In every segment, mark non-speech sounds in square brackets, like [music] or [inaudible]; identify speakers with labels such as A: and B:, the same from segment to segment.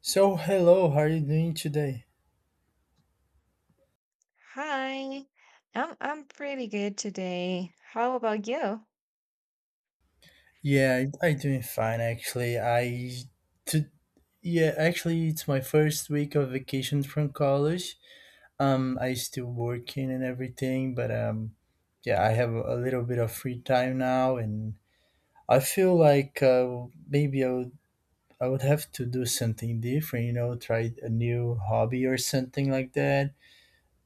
A: So hello, how are you doing today?
B: Hi, I'm pretty good today. How about you?
A: Yeah, I doing fine actually. To, yeah, actually it's my first week of vacation from college. I still working and everything, but yeah, I have a little bit of free time now, and I feel like maybe I would have to do something different. You know, try a new hobby or something like that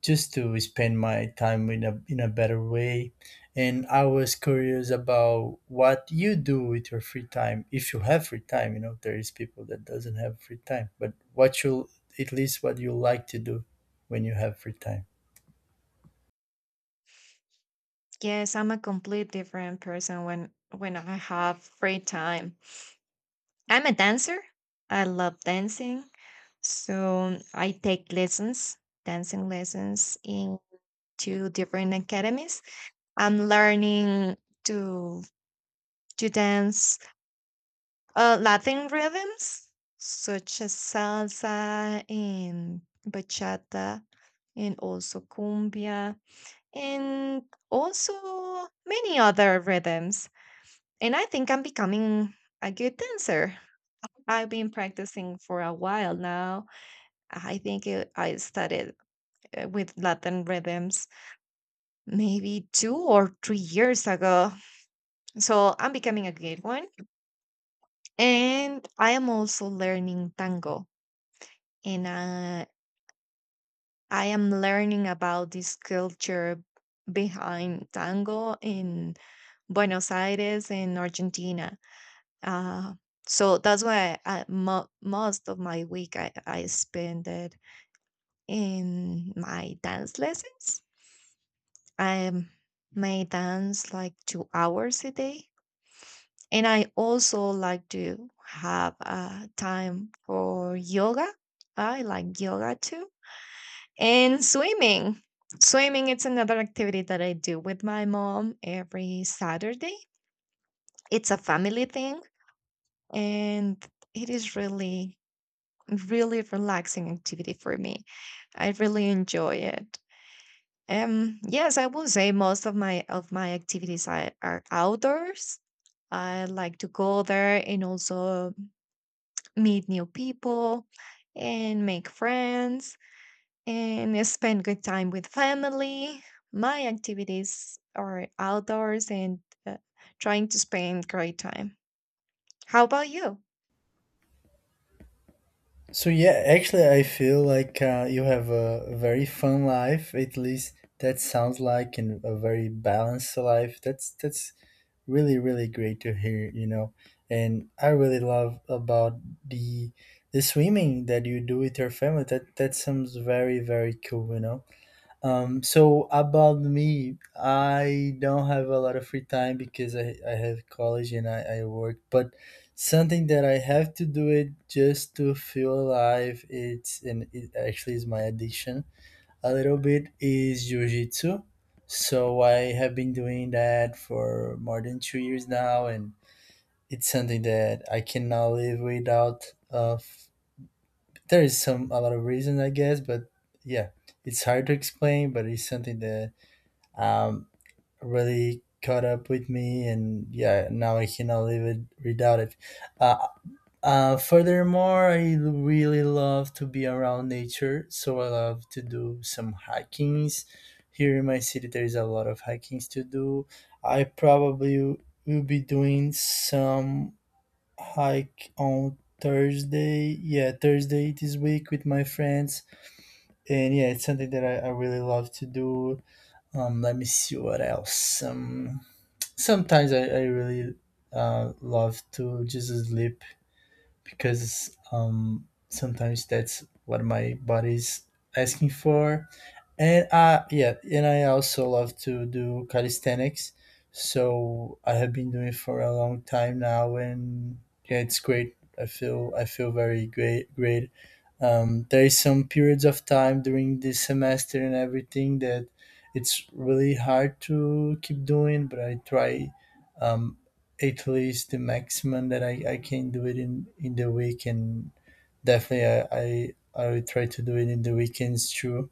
A: just to spend my time in a better way. And I was curious about what you do with your free time, if you have free time. You know, there is people that doesn't have free time, but what you, at least what you like to do when you have free time.
B: Yes, I'm a complete different person when I have free time. I'm a dancer. I love dancing. So I take lessons, dancing lessons in two different academies. I'm learning to to dance Latin rhythms such as salsa and bachata and also cumbia and also many other rhythms. And I think I'm becoming a good dancer. I've been practicing for a while now. I started with Latin rhythms maybe 2 or 3 years ago. So I'm becoming a good one. And I am also learning tango. And I am learning about this culture behind tango in Buenos Aires in Argentina. Uh, so that's why most of my week I spend it in my dance lessons. I may dance like 2 hours a day. And I also like to have time for yoga. I like yoga too. And swimming. Swimming is another activity that I do with my mom every Saturday. It's a family thing and it is really relaxing activity for me. I really enjoy it. Yes, I will say most of my activities are outdoors. I like to go there and also meet new people and make friends and spend good time with family. My activities are outdoors and uh, trying to spend great time. How about you?
A: So yeah, actually, I feel like you have a very fun life. At least that sounds like, and a very balanced life. That's really really great to hear. You know, and I really love about the the swimming that you do with your family. That sounds very very cool. You know. So about me, I don't have a lot of free time because I have college and I work, but something that I have to do it just to feel alive, it's and it actually is my addiction a little bit is jiu jitsu. So I have been doing that for more than 2 years now, and it's something that I cannot live without of there is some a lot of reasons I guess, but yeah, it's hard to explain, but it's something that um, really caught up with me, and yeah, now I cannot live it without it. Uh, furthermore, I really love to be around nature, so I love to do some hikings. Here in my city, there is a lot of hikings to do. I probably will be doing some hike on Thursday. Yeah, Thursday this week with my friends, and yeah, it's something that I really love to do. Let me see what else. Sometimes I really love to just sleep because sometimes that's what my body's asking for. And yeah, and I also love to do calisthenics. So I have been doing it for a long time now, and yeah, it's great. I feel very great. There is some periods of time during this semester and everything that it's really hard to keep doing, but I try, um, at least the maximum that I can do it in the week, and definitely I will try to do it in the weekends too,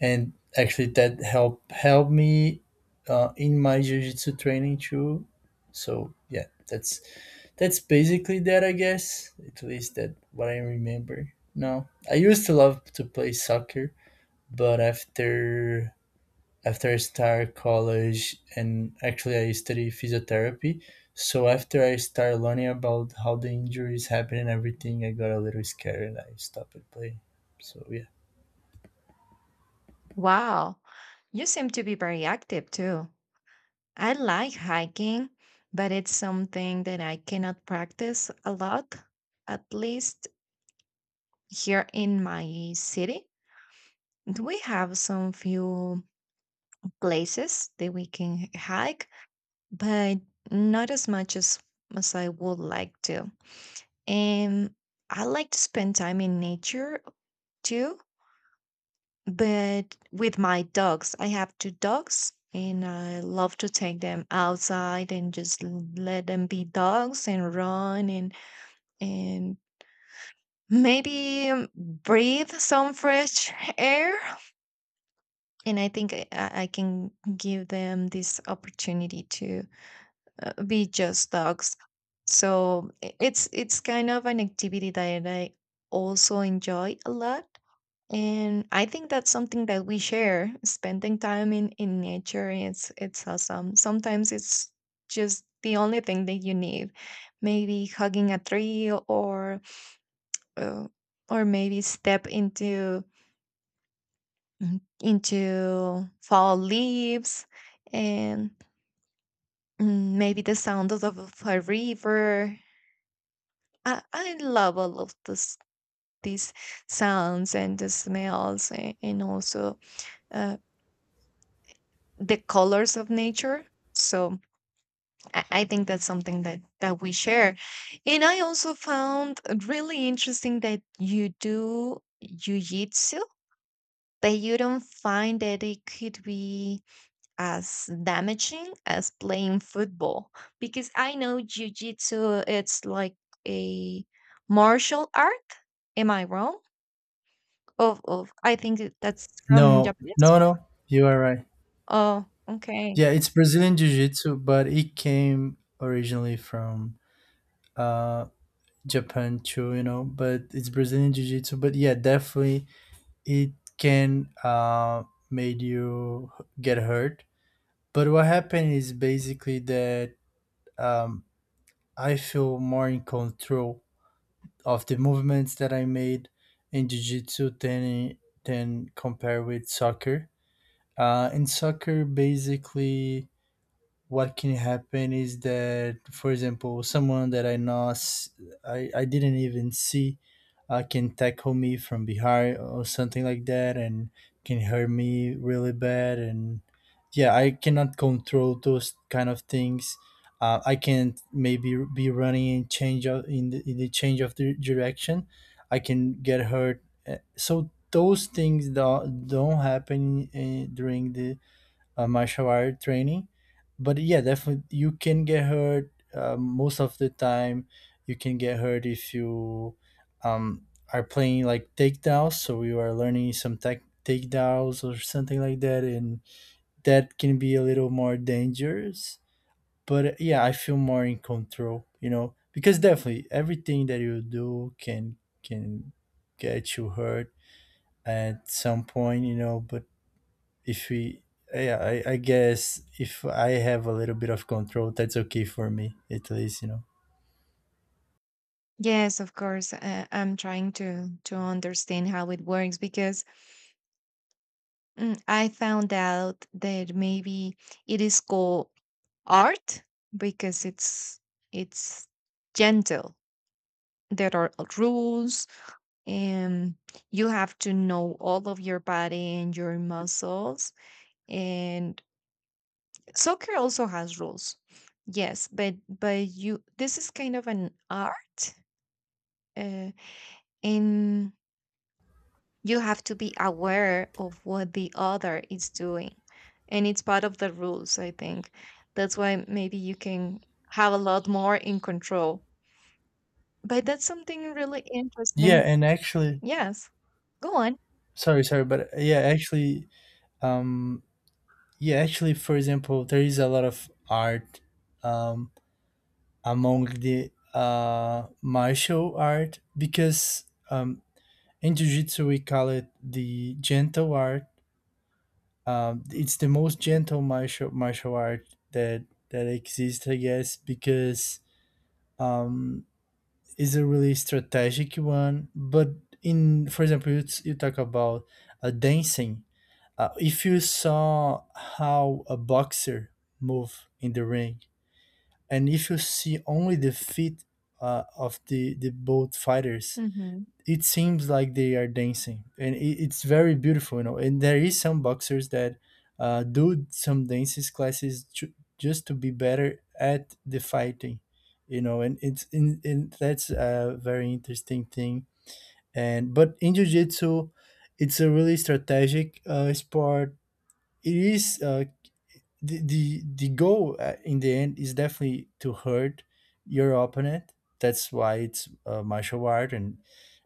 A: and actually that help me in my jiu-jitsu training too. So yeah, that's basically that, I guess. At least that what I remember. No, I used to love to play soccer, but after I start college, and actually I study physiotherapy, so after I start learning about how the injuries happen and everything, I got a little scared and I stopped playing. So yeah.
B: Wow, you seem to be very active too. I like hiking, but it's something that I cannot practice a lot, at least here in my city. We have some few places that we can hike, but not as much as I would like to. And I like to spend time in nature too, but with my dogs. I have two dogs and I love to take them outside and just let them be dogs and run and maybe breathe some fresh air. And I think I can give them this opportunity to be just dogs. So it's kind of an activity that I also enjoy a lot. And I think that's something that we share. Spending time in nature, it's awesome. Sometimes it's just the only thing that you need, maybe hugging a tree, uh, or maybe step into into fall leaves, and maybe the sound of a river. I love all of this, these sounds and the smells, and also uh, the colors of nature. So I think that's something that we share. And I also found really interesting that you do jiu-jitsu, but you don't find that it could be as damaging as playing football? Because I know jiu jitsu, it's like a martial art. Am I wrong? Of I think that that's from
A: No,
B: Japanese.
A: no, no. You are right.
B: Oh, okay.
A: Yeah, it's Brazilian Jiu Jitsu, but it came originally from uh Japan too, you know, but it's Brazilian Jiu Jitsu. But yeah, definitely it can made you get hurt. But what happened is basically that, um, I feel more in control of the movements that I made in Jiu Jitsu than compared with soccer. In soccer, basically, what can happen is that for example someone that I know s- I didn't even see can tackle me from behind or something like that, and can hurt me really bad, and yeah, I cannot control those kind of things. I can't maybe be running and change of, in the change of the direction, I can get hurt. So those things don't happen during the martial art training. But yeah, definitely you can get hurt most of the time. You can get hurt if you are playing like takedowns. So you are learning some tech takedowns or something like that, and that can be a little more dangerous. But yeah, I feel more in control, you know, because definitely everything that you do can get you hurt at some point, you know. But if we yeah, I guess if I have a little bit of control, that's okay for me, at least, you know.
B: Yes, of course. I'm trying to understand how it works because I found out that maybe it is called art because it's gentle. There are rules and you have to know all of your body and your muscles, and soccer also has rules, yes, but you, this is kind of an art, uh, and you have to be aware of what the other is doing, and it's part of the rules, I think. That's why maybe you can have a lot more in control. But that's something really
A: Yeah,
B: interesting.
A: and actually,
B: Yes, go on.
A: sorry, sorry, but um, yeah, actually, for example, there is a lot of art, um, among the martial art, because um in jiu-jitsu we call it the gentle art. It's the most gentle martial art that that exists, I guess, because um is a really strategic one. But in for example you talk about dancing, if you saw how a boxer move in the ring, and if you see only the feet of the both fighters,
B: Mm-hmm.
A: it seems like they are dancing and it, it's very beautiful, you know. And there is some boxers that do some dances classes just to be better at the fighting, you know. And it's in that's a very interesting thing. And but in jiu-jitsu, it's a really strategic sport. It is uh, the goal in the end is definitely to hurt your opponent. That's why it's a martial art,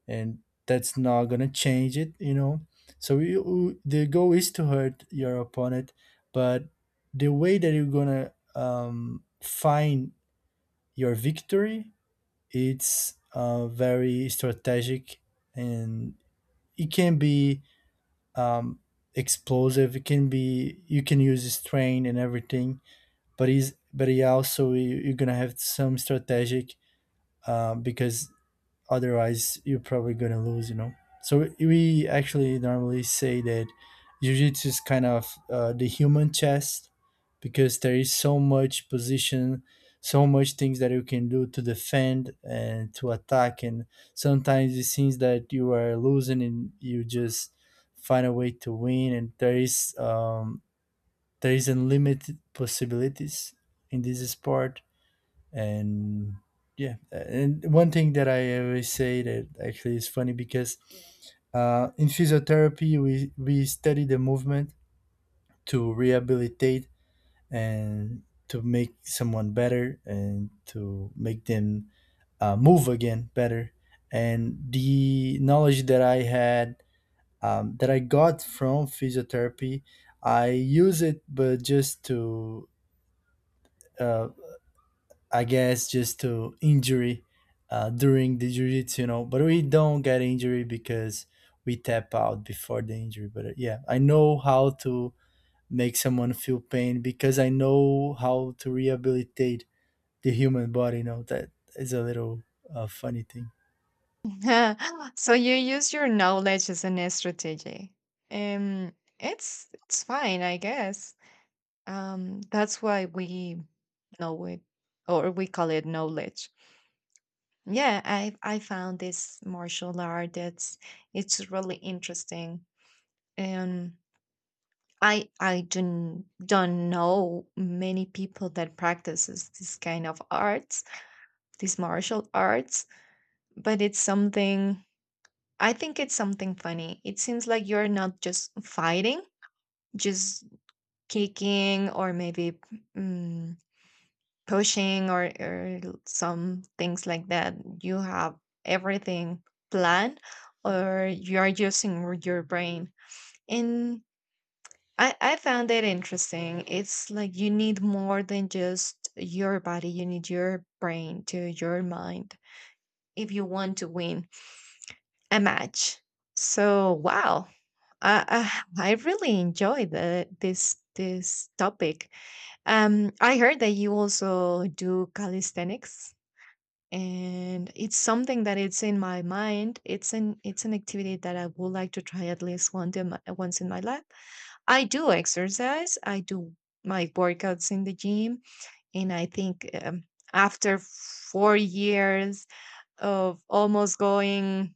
A: and that's not gonna change it. You know, so you, the goal is to hurt your opponent, but the way that you're gonna find your victory, it's very strategic, and it can be um, explosive. It can be you can use strain and everything, but he's but he also you, are gonna have some strategic, because otherwise you're probably gonna lose. You know. So we actually normally say that jiu-jitsu is kind of the human chess, because there is so much position, so much things that you can do to defend and to attack, and sometimes it seems that you are losing and you just find a way to win. And there is unlimited possibilities in this sport. And yeah, and one thing that I always say, that actually is funny because in physiotherapy we study the movement to rehabilitate and to make someone better and to make them move again better. And the knowledge that I had, that I got from physiotherapy, I use it but just to uh, I guess just to injury during the jiu-jitsu, you know, but we don't get injury because we tap out before the injury. But yeah, I know how to make someone feel pain because I know how to rehabilitate the human body. You know, that is a little funny thing.
B: Yeah, [laughs] so you use your knowledge as an strategy. Um, it's fine, I guess. That's why we know it, or we call it knowledge. Yeah, I found this martial art that's it's really interesting. And I don't know many people that practices this kind of arts, these martial arts, but it's something, I think it's something funny. It seems like you're not just fighting, just kicking or maybe mm, pushing or some things like that. You have everything planned, or you're using your brain. And I found it interesting. It's like you need more than just your body, you need your brain to your mind if you want to win. A match. So wow, uh, uh, [sighs] I really enjoy the this this topic. I heard that you also do calisthenics, and it's something that it's in my mind. It's an activity that I would like to try at least one day, once in my life. I do exercise. I do my workouts in the gym, and I think after 4 years of almost going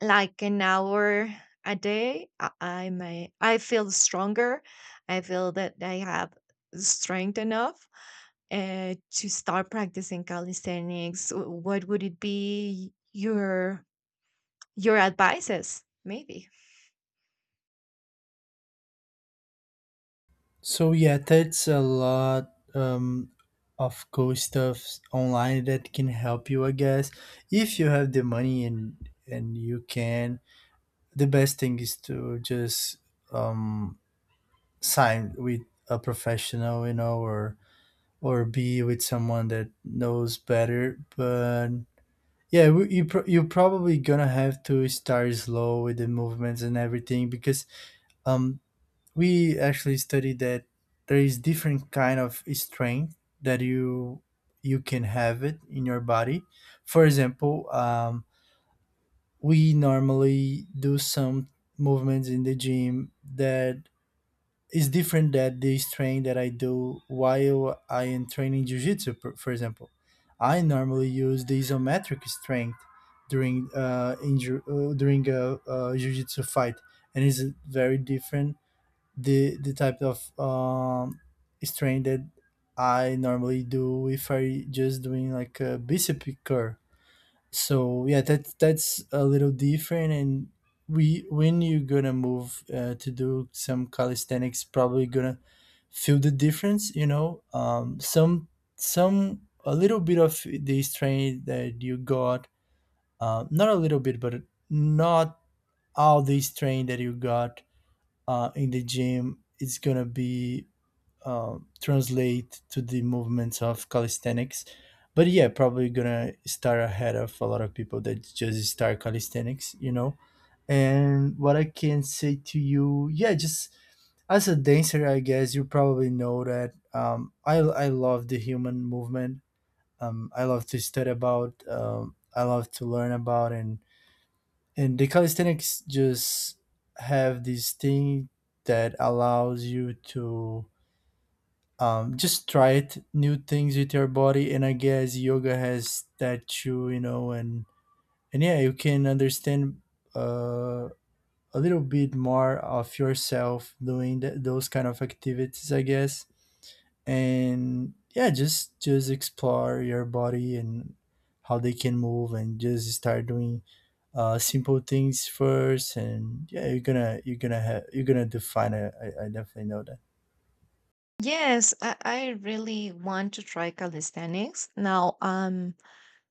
B: like an hour a day, I feel stronger. I feel that I have strength enough to start practicing calisthenics. What would it be your advices maybe?
A: So yeah, that's a lot of cool stuff online that can help you, I guess, if you have the money, and you can, the best thing is to just um, sign with a professional, you know, or be with someone that knows better. But yeah, you you're probably gonna have to start slow with the movements and everything, because um, we actually studied that there is different kind of strength that you can have it in your body. For example, we normally do some movements in the gym that is different than this training that I do while I am training jiu-jitsu, for example. I normally use the isometric strength during during a jiu-jitsu fight, and it's very different the type of strength that I normally do if I just doing like a bicep curl. So yeah, that's a little different. And we when you're gonna move to do some calisthenics, probably gonna feel the difference, you know. Some a little bit of the strain that you got, not a little bit but not all the strain that you got in the gym, it's gonna be translate to the movements of calisthenics. But yeah, probably gonna start ahead of a lot of people that just start calisthenics, you know. And what I can say to you, yeah, just as a dancer, I guess you probably know that um, I love the human movement. I love to study about. I love to learn about, and the calisthenics just have this thing that allows you to just try it new things with your body. And I guess yoga has that too, you know. And yeah, you can understand uh, a little bit more of yourself doing those kind of activities, I guess. And yeah, just explore your body and how they can move, and just start doing simple things first. And yeah, you're gonna define it. I definitely know that.
B: Yes, I really want to try calisthenics now.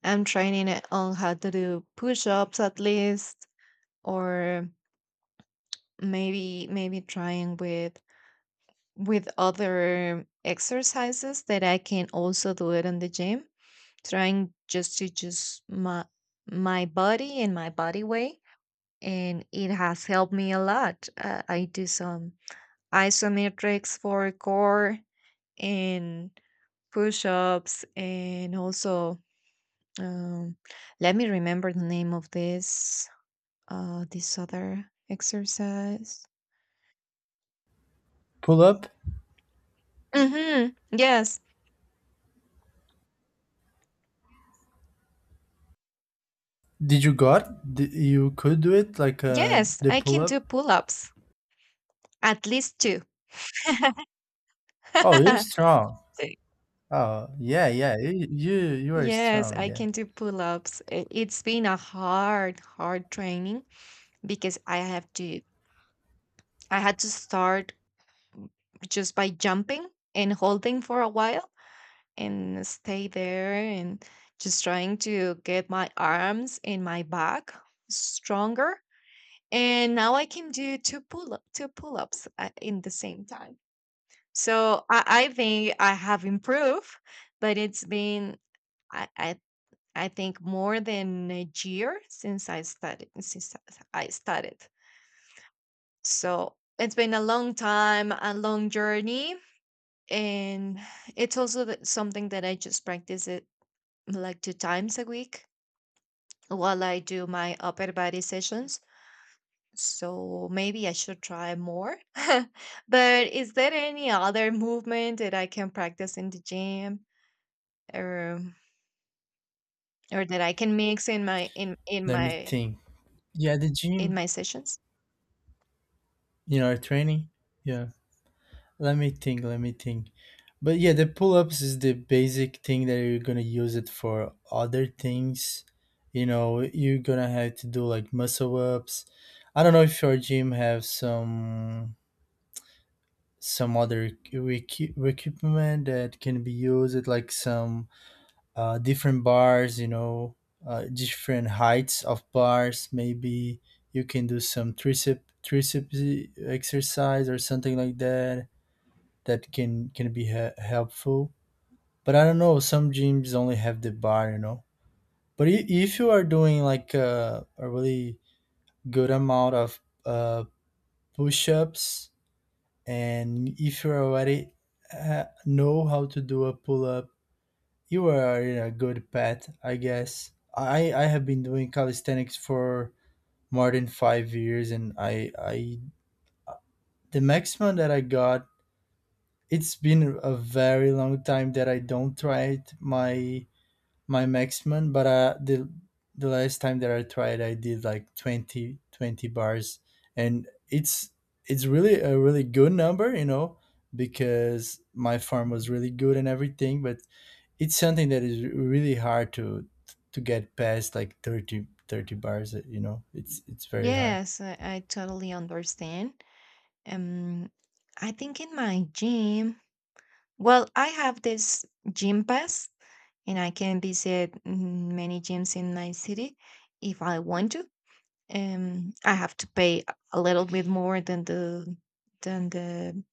B: I'm training it on how to do push-ups at least. Or maybe trying with other exercises that I can also do it in the gym, trying just to just my my body and my body weight. And it has helped me a lot. I do some isometrics for core and push ups, and also um, let me remember the name of this this other exercise.
A: Pull up.
B: Mm-hmm. Yes,
A: Did you got? You could do it like
B: yes,
A: the
B: I
A: pull
B: can do
A: up.
B: pull ups, at least two.
A: Oh, you're
B: [laughs]
A: strong.
B: So,
A: Oh, yeah, yeah. You are
B: yes,
A: strong.
B: I
A: Yeah.
B: can do pull ups. It's been a hard, hard training because I had to start just by jumping and holding for a while and stay there and just trying to get my arms and my back stronger. And now I can do two pull up, two pull ups in the same time. So I think I have improved, but it's been I, I I think more than a year since I started, I started. So it's been a long time, a long journey, and it's also something that I just practice it like two times a week while I do my upper body sessions. So maybe I should try more. [laughs] But is there any other movement that I can practice in the gym or or that I can mix in my in in
A: Let me
B: my
A: think. Yeah, the
B: in
A: gym.
B: my sessions?
A: You know, training. Yeah. Let me think. Let me think. But yeah, the pull ups is the basic thing that you're gonna use it for other things. You know, you're gonna have to do like muscle ups. I don't know if your gym have some other equipment that can be used, like some different bars, you know, different heights of bars. Maybe you can do some exercise or something like that. That can be helpful. But I don't know. Some gyms only have the bar, you know. But if you are doing like a really good amount of push-ups, and if you already know how to do a pull up, you are in a good path, I guess. I have been doing calisthenics for more than 5 years, and I the maximum that I got. It's been a very long time that I don't try it. My maximum, but the last time that I tried, I did like 20 bars. And it's really a really good number, you know, because my farm was really good and everything. But it's something that is really hard to get past like 30 bars, you know. It's very hard.
B: Yes, I totally understand. Um, I think in my gym, well, I have this gym pass and I can visit many gyms in my city if I want to. I have to pay a little bit more than the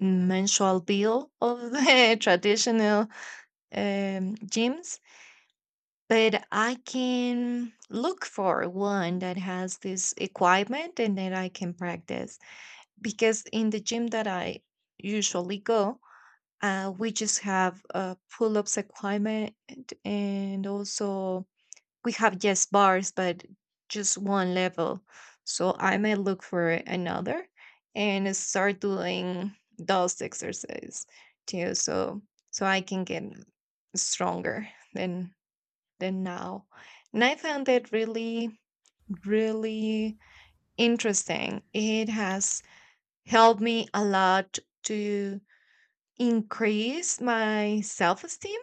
B: mensual bill of the [laughs] traditional gyms, but I can look for one that has this equipment and then I can practice. Because in the gym that I usually go, we just have pull ups equipment, and also we have yes bars, but just one level. So I might look for another and start doing those exercise too. So so I can get stronger than than now. And I found that really interesting. It has helped me a lot to increase my self esteem.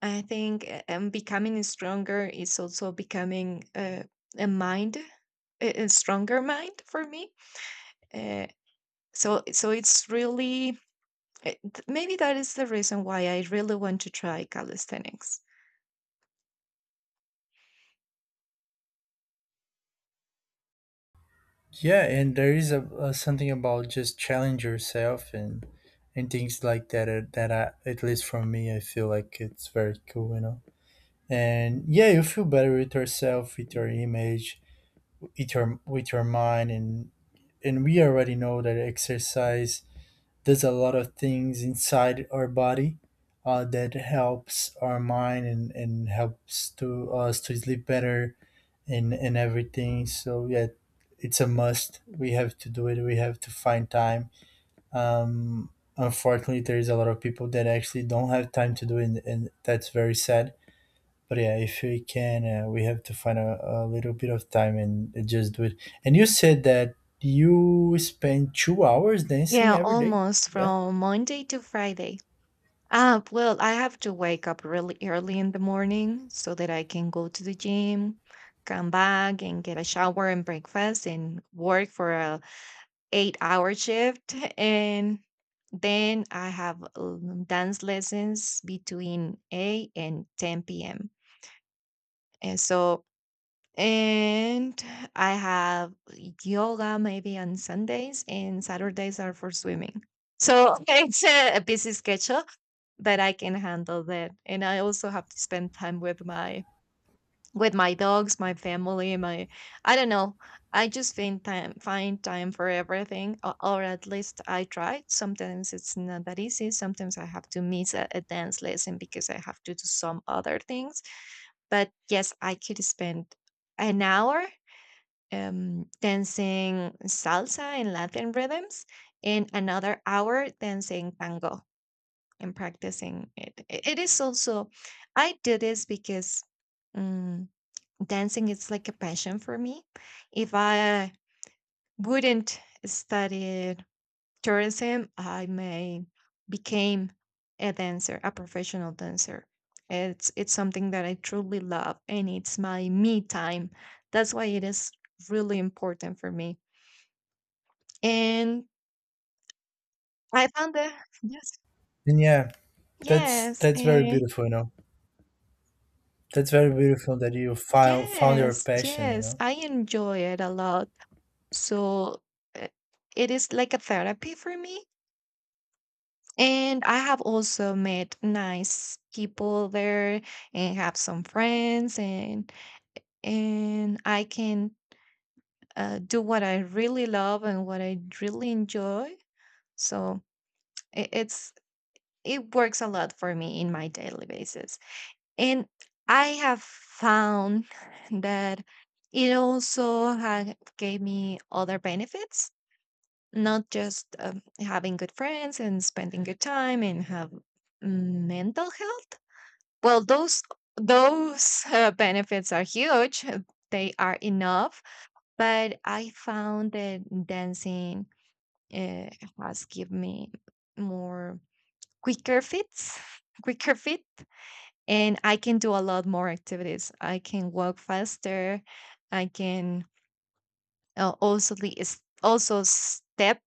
B: I think becoming stronger is also becoming a mind, a stronger mind for me. Uh, so, so it's really maybe that is the reason why I really want to try calisthenics.
A: Yeah, and there is a something about just challenge yourself and things like that, that at least for me, I feel like it's very cool, you know. And yeah, you feel better with yourself, with your image, with your mind. And we already know that exercise does a lot of things inside our body, that helps our mind, and helps to us to sleep better and everything. So yeah, it's a must. We have to do it. We have to find time. um Unfortunately, there is a lot of people that actually don't have time to do it, and that's very sad. But yeah, if we can, we have to find a little bit of time and just do it. And you said that you spend 2 hours dancing
B: Yeah,
A: every day.
B: almost
A: Yeah.
B: from Monday to Friday. Ah, well, I have to wake up really early in the morning so that I can go to the gym, come back and get a shower and breakfast and work for a 8 hour shift. [laughs] And then I have dance lessons between 8 and 10 p.m. And so and I have yoga maybe on Sundays, and Saturdays are for swimming. So [laughs] it's a busy schedule, but I can handle that. And I also have to spend time with my dogs, my family, my, I don't know. I just find time for everything, or at least I try. Sometimes it's not that easy. Sometimes I have to miss a dance lesson because I have to do some other things. But yes, I could spend an hour dancing salsa and Latin rhythms, and another hour dancing tango and practicing it. It is also, I do this because um, dancing is like a passion for me. If I wouldn't study tourism, I may became a dancer, a professional dancer. It's something that I truly love, and it's my me time. That's why it is really important for me. And I found that yes,
A: And yeah, that's
B: yes,
A: that's very beautiful, you know. That's very beautiful that you found your
B: yes,
A: passion, you
B: yes,
A: know.
B: I enjoy it a lot. So uh, it is like a therapy for me. And I have also met nice people there and have some friends, and I can do what I really love and what I really enjoy. So it, it's it works a lot for me in my daily basis. And I have found [laughs] that it also had gave me other benefits, not just having good friends and spending good time and have mental health. Well, those benefits are huge. Uh, they are enough, but I found that dancing uh, has given me more quicker fits, [laughs] quicker fit, and I can do a lot more activities. I can walk faster. I can also also step,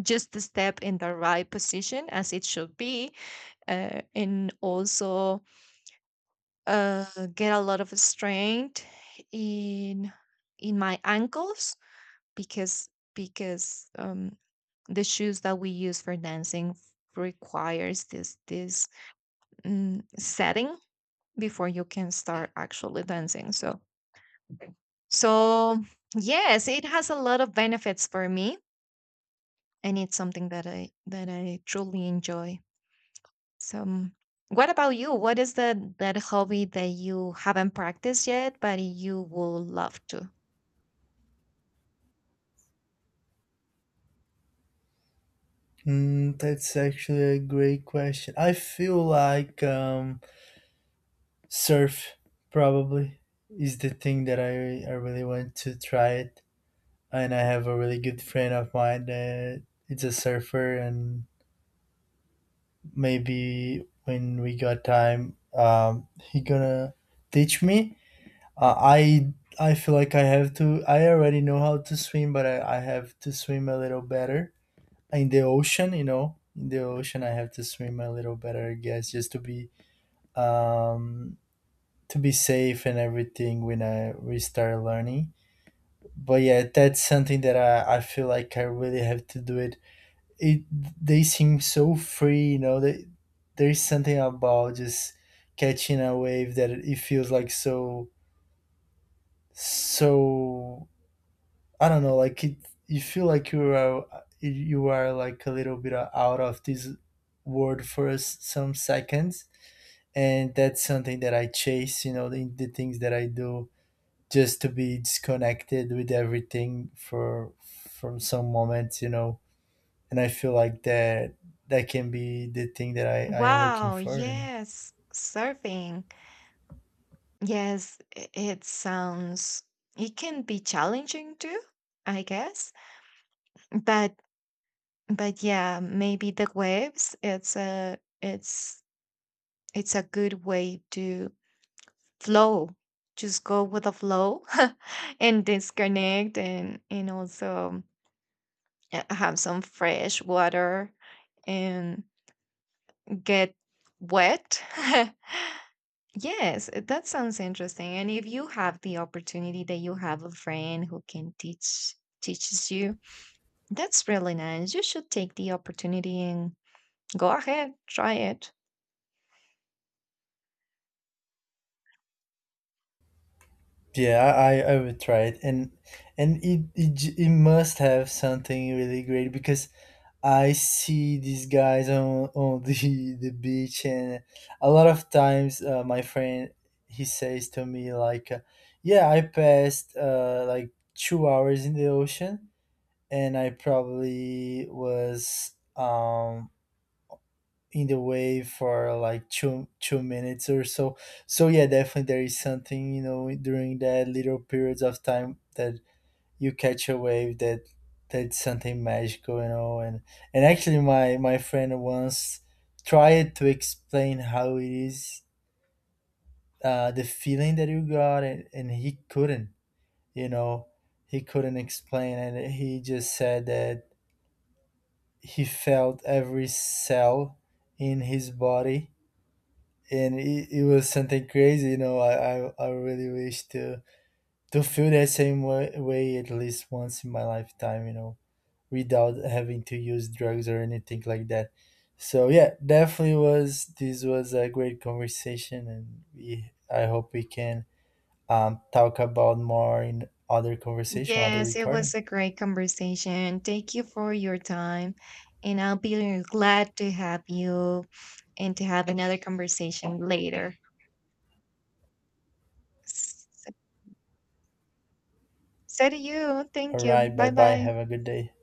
B: just the step in the right position as it should be, and also uh, get a lot of strength in in my ankles because because the shoes that we use for dancing requires this this setting before you can start actually dancing. So so yes, it has a lot of benefits for me, and it's something that I truly enjoy. So, what about you? What is the that hobby that you haven't practiced yet, but you will love to?
A: Mm, that's actually a great question. I feel like surf probably is the thing that I really want to try it. And I have a really good friend of mine that it's a surfer, and maybe when we got time, he gonna teach me. Uh, I I feel like I have to. I already know how to swim, but I have to swim a little better in the ocean. You know, in the ocean, I have to swim a little better, I guess, just um, to be safe and everything when I we start learning. But yeah, that's something that I feel like I really have to do it. They seem so free, you know. There's something about just catching a wave that it feels like so I don't know, like it, you feel like you are like a little bit out of this world for some seconds. And that's something that I chase, you know, the things that I do just to be disconnected with everything for from some moments, you know. And I feel like that can be the thing that I am looking
B: Wow!
A: for, you know.
B: Yes, surfing. Yes, it sounds. It can be challenging too, I guess. But but yeah, maybe the waves. It's a it's it's a good way to flow, just go with the flow [laughs] and disconnect, and also have some fresh water and get wet. [laughs] Yes, that sounds interesting, and if you have the opportunity that you have a friend who can teaches you, that's really nice. You should take the opportunity and go ahead, try it.
A: Yeah, I will try it. And it must have something really great because I see these guys on the [laughs] the beach. And a lot of times my friend, he says to me like, "Yeah, I passed like 2 hours in the ocean, and I probably was in the way for like two minutes or so." So yeah, definitely there is something, you know, during that little periods of time that you catch a wave, that that's something magical, you know. And actually, my friend once tried to explain how it is, the feeling that you got, and he couldn't, you know, he couldn't explain. And he just said that he felt every cell in his body, and it was something crazy, you know. I really wish to feel that same way at least once in my lifetime, you know, without having to use drugs or anything like that. So yeah, definitely was, this was a great conversation, and we I hope we can talk about more in other conversation, other
B: Yes, it
A: recording.
B: was a great conversation. Thank you for your time. And I'll be glad to have you and to have another conversation later. S- So to you,
A: All
B: thank you.
A: right. Bye
B: Bye
A: bye.
B: bye.
A: Have a good day.